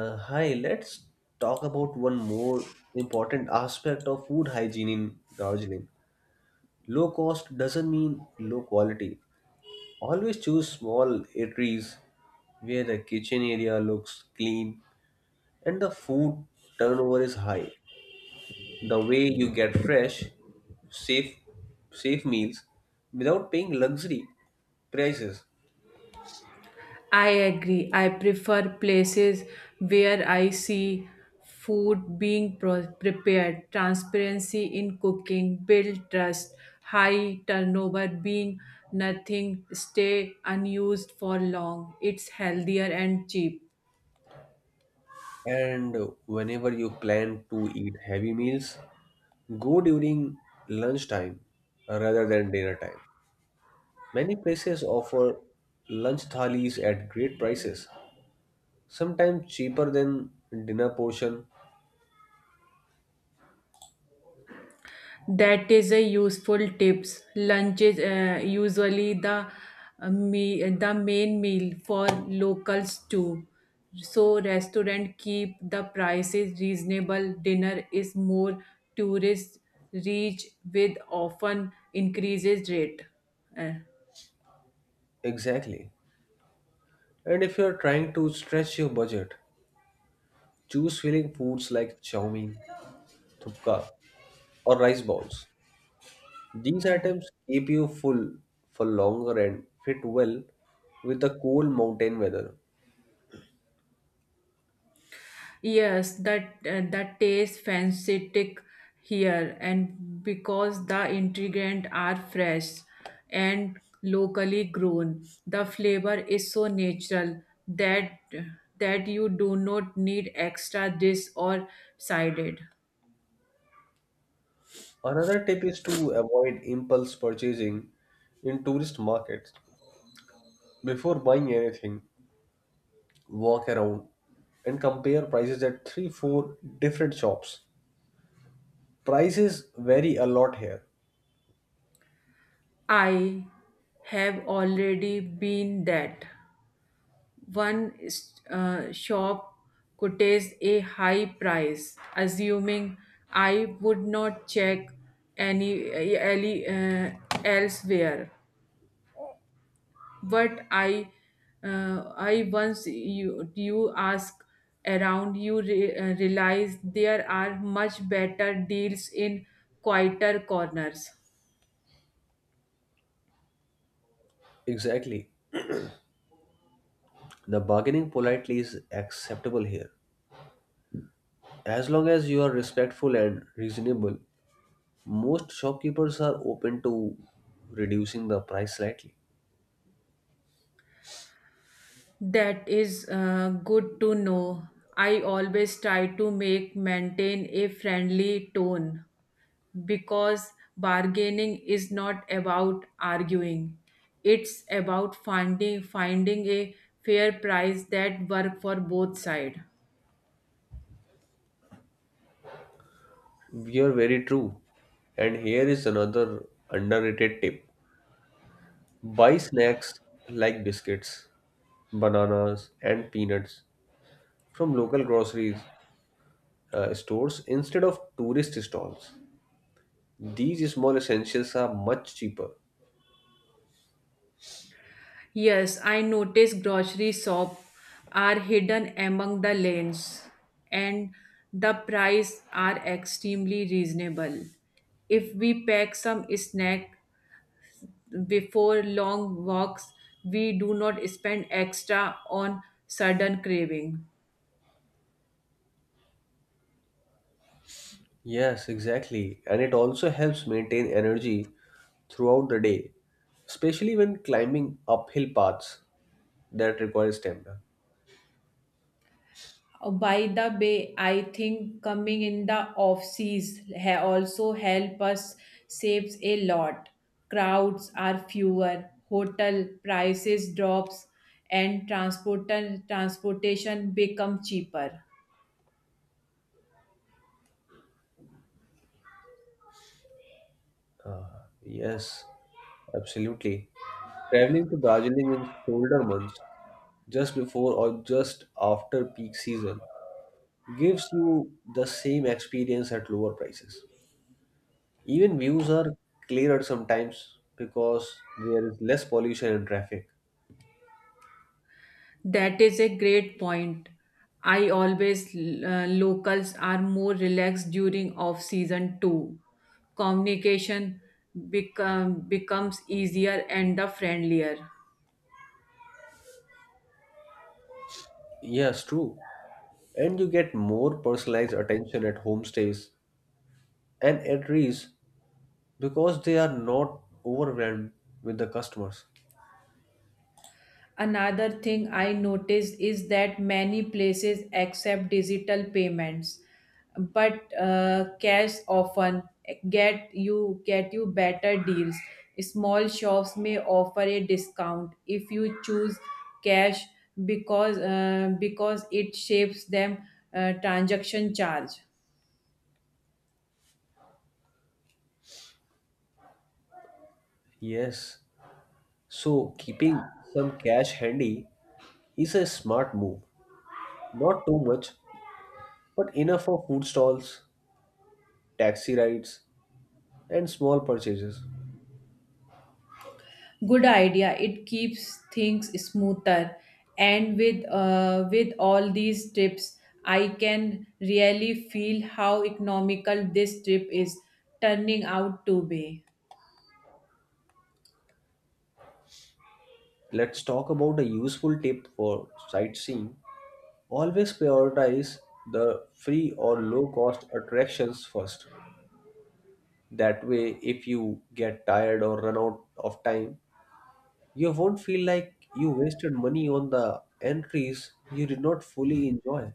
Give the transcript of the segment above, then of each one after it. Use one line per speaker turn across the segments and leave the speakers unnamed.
Let's talk about one more important aspect of food hygiene in Darjeeling. Low cost doesn't mean low quality. Always choose small eateries where the kitchen area looks clean and the food turnover is high. The way you get fresh, safe, safe meals without paying luxury prices.
I agree. I prefer places where I see food being prepared, transparency in cooking, build trust, high turnover being nothing stay unused for long. It's healthier and cheap.
And whenever you plan to eat heavy meals, go during lunchtime rather than dinner time. Many places offer lunch thalis at great prices, sometimes cheaper than dinner portion.
That is a useful tips. Lunch is usually the the main meal for locals too. So restaurant keep the prices reasonable. Dinner is more tourist reach with often increases rate. Uh,
Exactly. And if you're trying to stretch your budget, choose filling foods like chow mein, thupka, or rice balls. These items keep you full for longer and fit well with the cold mountain weather.
Yes, that tastes fantastic here, and because the ingredients are fresh and locally grown, the flavor is so natural that that you do not need extra this or sided.
Another tip is to avoid impulse purchasing in tourist markets. Before buying anything, walk around and compare prices at 3 4 different shops. Prices vary a lot here.
I have already been that. One shop could taste a high price, assuming I would not check any elsewhere. But I once you ask around, you realize there are much better deals in quieter corners.
Exactly. The bargaining politely is acceptable here. As long as you are respectful and reasonable, most shopkeepers are open to reducing the price slightly.
That is good to know. I always try to make maintain a friendly tone because bargaining is not about arguing, it's about finding a fair price that work for both sides.
You're very true. And here is another underrated tip. Buy snacks like biscuits, bananas, and peanuts from local groceries stores instead of tourist stalls. These small essentials are much cheaper.
Yes, I noticed grocery shop are hidden among the lanes and the price are extremely reasonable. If we pack some snack before long walks, we do not spend extra on sudden craving.
Yes, exactly. And it also helps maintain energy throughout the day, especially when climbing uphill paths that require stamina.
By the way, I think coming in the off also help us saves a lot. Crowds are fewer, hotel prices drops, and transportation become cheaper.
Yes, absolutely. Traveling to Darjeeling in colder months, just before or just after peak season, gives you the same experience at lower prices. Even views are clearer sometimes because there is less pollution and traffic.
That is a great point. I always locals are more relaxed during off season too. Communication becomes easier and the friendlier.
Yes, true. And you get more personalized attention at homestays and at Rees because they are not overwhelmed with the customers.
Another thing I noticed is that many places accept digital payments, but cash often get you better deals. Small shops may offer a discount if you choose cash, because it shapes them transaction charge.
Yes. So keeping some cash handy is a smart move. Not too much, but enough for food stalls, taxi rides, and small purchases.
Good idea, it keeps things smoother, and with all these tips, I can really feel how economical this trip is turning out to be.
Let's talk about a useful tip for sightseeing. Always prioritize the free or low cost attractions first. That way, if you get tired or run out of time, you won't feel like you wasted money on the entries you did not fully enjoy.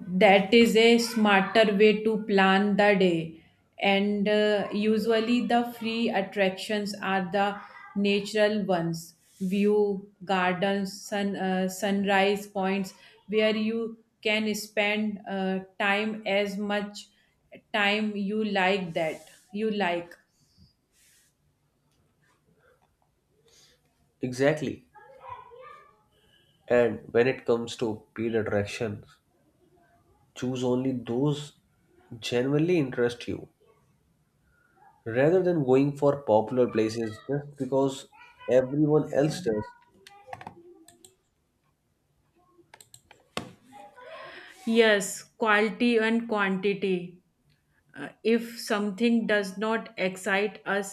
That is a smarter way to plan the day, and usually the free attractions are the natural ones, view gardens, sunrise points, where you can spend time as much time you like you like
Exactly. And when it comes to paid attractions, choose only those genuinely interest you rather than going for popular places just because everyone else does.
yes, quality and quantity. If something does not excite us,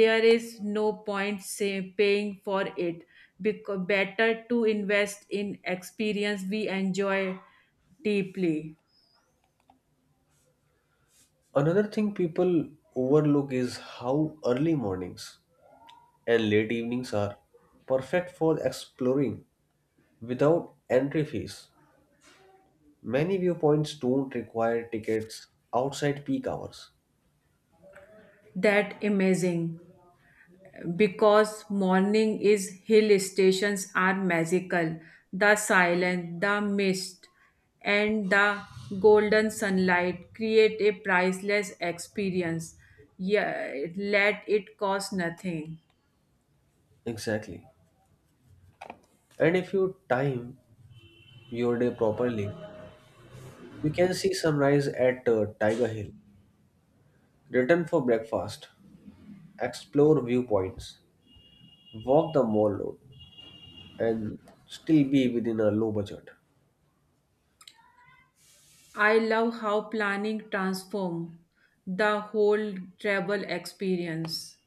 there is no point say, paying for it. Because better to invest in experience we enjoy deeply.
Another thing people overlook is how early mornings and late evenings are perfect for exploring without entry fees. Many viewpoints don't require tickets outside peak hours.
That amazing, because morning is hill stations are magical. The silence, the mist, and the golden sunlight create a priceless experience. Yeah, let it cost nothing.
Exactly. And if you time your day properly, you can see sunrise at Tiger Hill, return for breakfast, explore viewpoints, walk the mall road, and still be within a low budget.
I love how planning transforms the whole travel experience.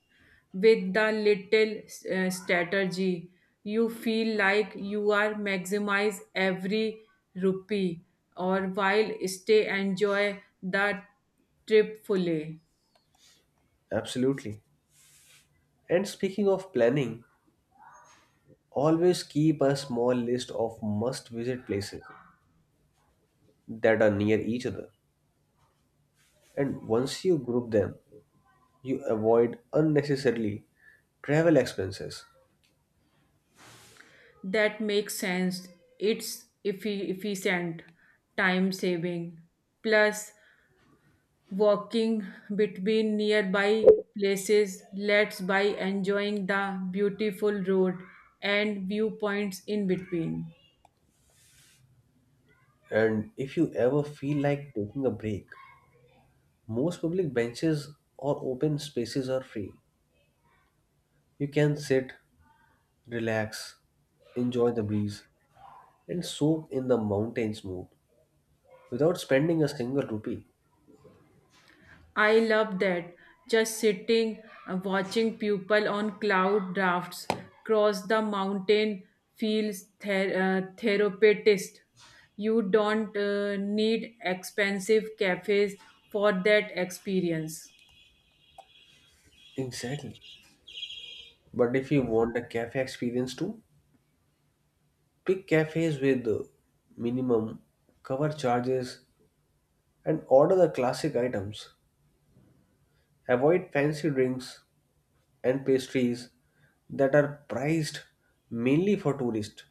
With the little strategy, you feel like you are maximize every rupee or while stay enjoy the trip fully.
Absolutely. And speaking of planning, always keep a small list of must visit places that are near each other. And once you group them, you avoid unnecessarily travel expenses.
That makes sense. It's efficient, time saving, plus walking between nearby places let's by enjoying the beautiful road and viewpoints in between.
And if you ever feel like taking a break, most public benches or open spaces are free. You can sit, relax, enjoy the breeze, and soak in the mountain's mood without spending a single rupee.
I love that. Just sitting, watching people on cloud drafts cross the mountain feels therapeutic. You don't need expensive cafes for that experience.
Exactly. But if you want a cafe experience too, pick cafes with minimum cover charges and order the classic items. Avoid fancy drinks and pastries that are priced mainly for tourists.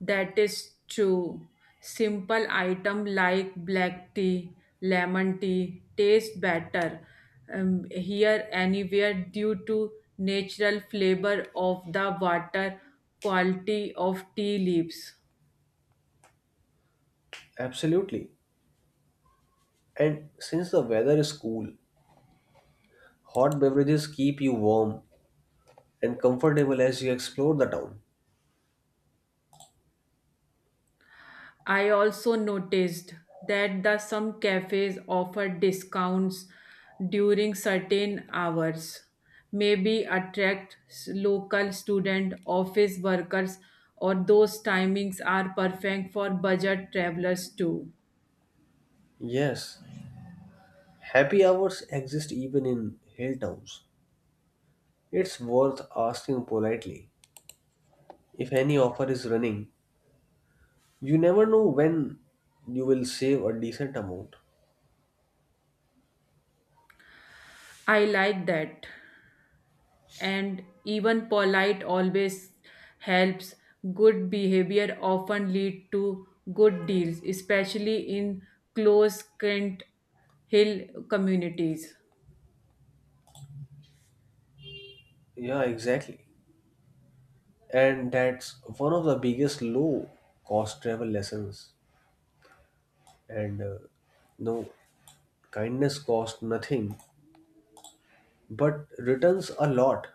That is true. Simple item like black tea, lemon tea taste better here anywhere due to natural flavor of the water, quality of tea leaves.
Absolutely. And since the weather is cool, hot beverages keep you warm and comfortable as you explore the town.
I also noticed that the some cafes offer discounts during certain hours, maybe attract local student, office workers, or those timings are perfect for budget travelers too.
Yes, happy hours exist even in hill towns. It's worth asking politely if any offer is running. You never know when you will save a decent amount.
I like that. And even polite always helps. Good behavior often lead to good deals, especially in close-knit hill communities.
Yeah, exactly. And that's one of the biggest low cost travel lessons. And no, Kindness costs nothing but returns a lot,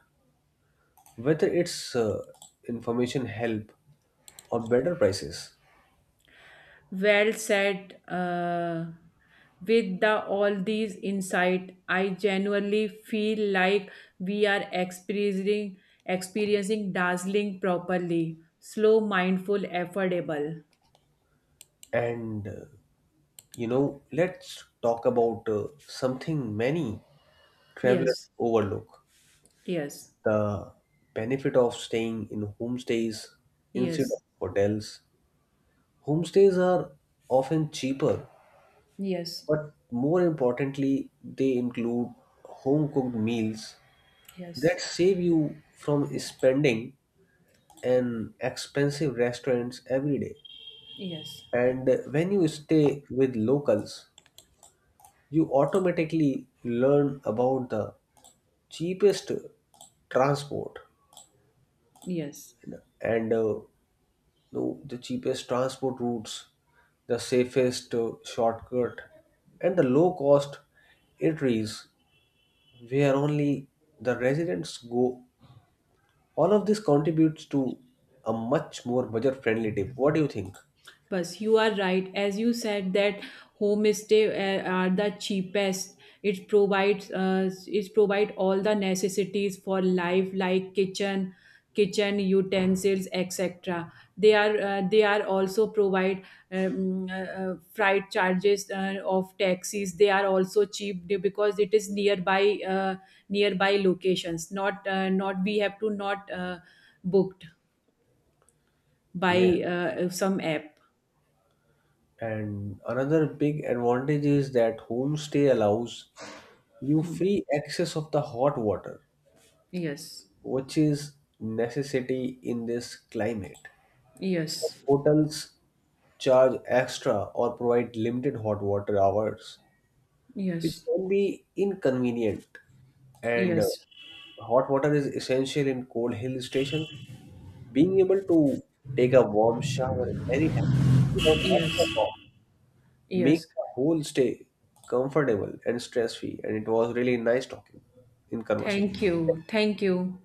whether it's information help or better prices.
Well said. With the all these insight, I genuinely feel like we are experiencing dazzling properly, slow, mindful, affordable.
And uh, let's talk about something many travelers
Yes,
overlook,
yes,
the benefit of staying in homestays instead of
yes,
hotels. Homestays are often cheaper,
yes,
but more importantly, they include home cooked meals that
yes,
save you from spending in expensive restaurants every day.
yes,
And when you stay with locals, you automatically learn about the cheapest transport
yes.
and No, the cheapest transport routes, the safest shortcut, and the low cost eateries where only the residents go. All of this contributes to a much more budget friendly trip. What do you think?
But you are right, as you said that homestay are the cheapest. It provide all the necessities for life like kitchen utensils, etc. They are also provide um, uh, freight charges of taxis. They are also cheap, because it is nearby locations. Not we have to not booked
Yeah.
by some app.
And another big advantage is that homestay allows you free access of the hot water,
Yes.
which is necessity in this climate. Some
Yes,
hotels charge extra or provide limited hot water hours, which
yes,
can be inconvenient. And
yes,
Hot water is essential in cold hill stations. Being able to take a warm shower at any time without
yes,
extra cost makes
yes.
the whole stay comfortable and stress free. And it was really nice talking in conversation.
Thank you. Thank you.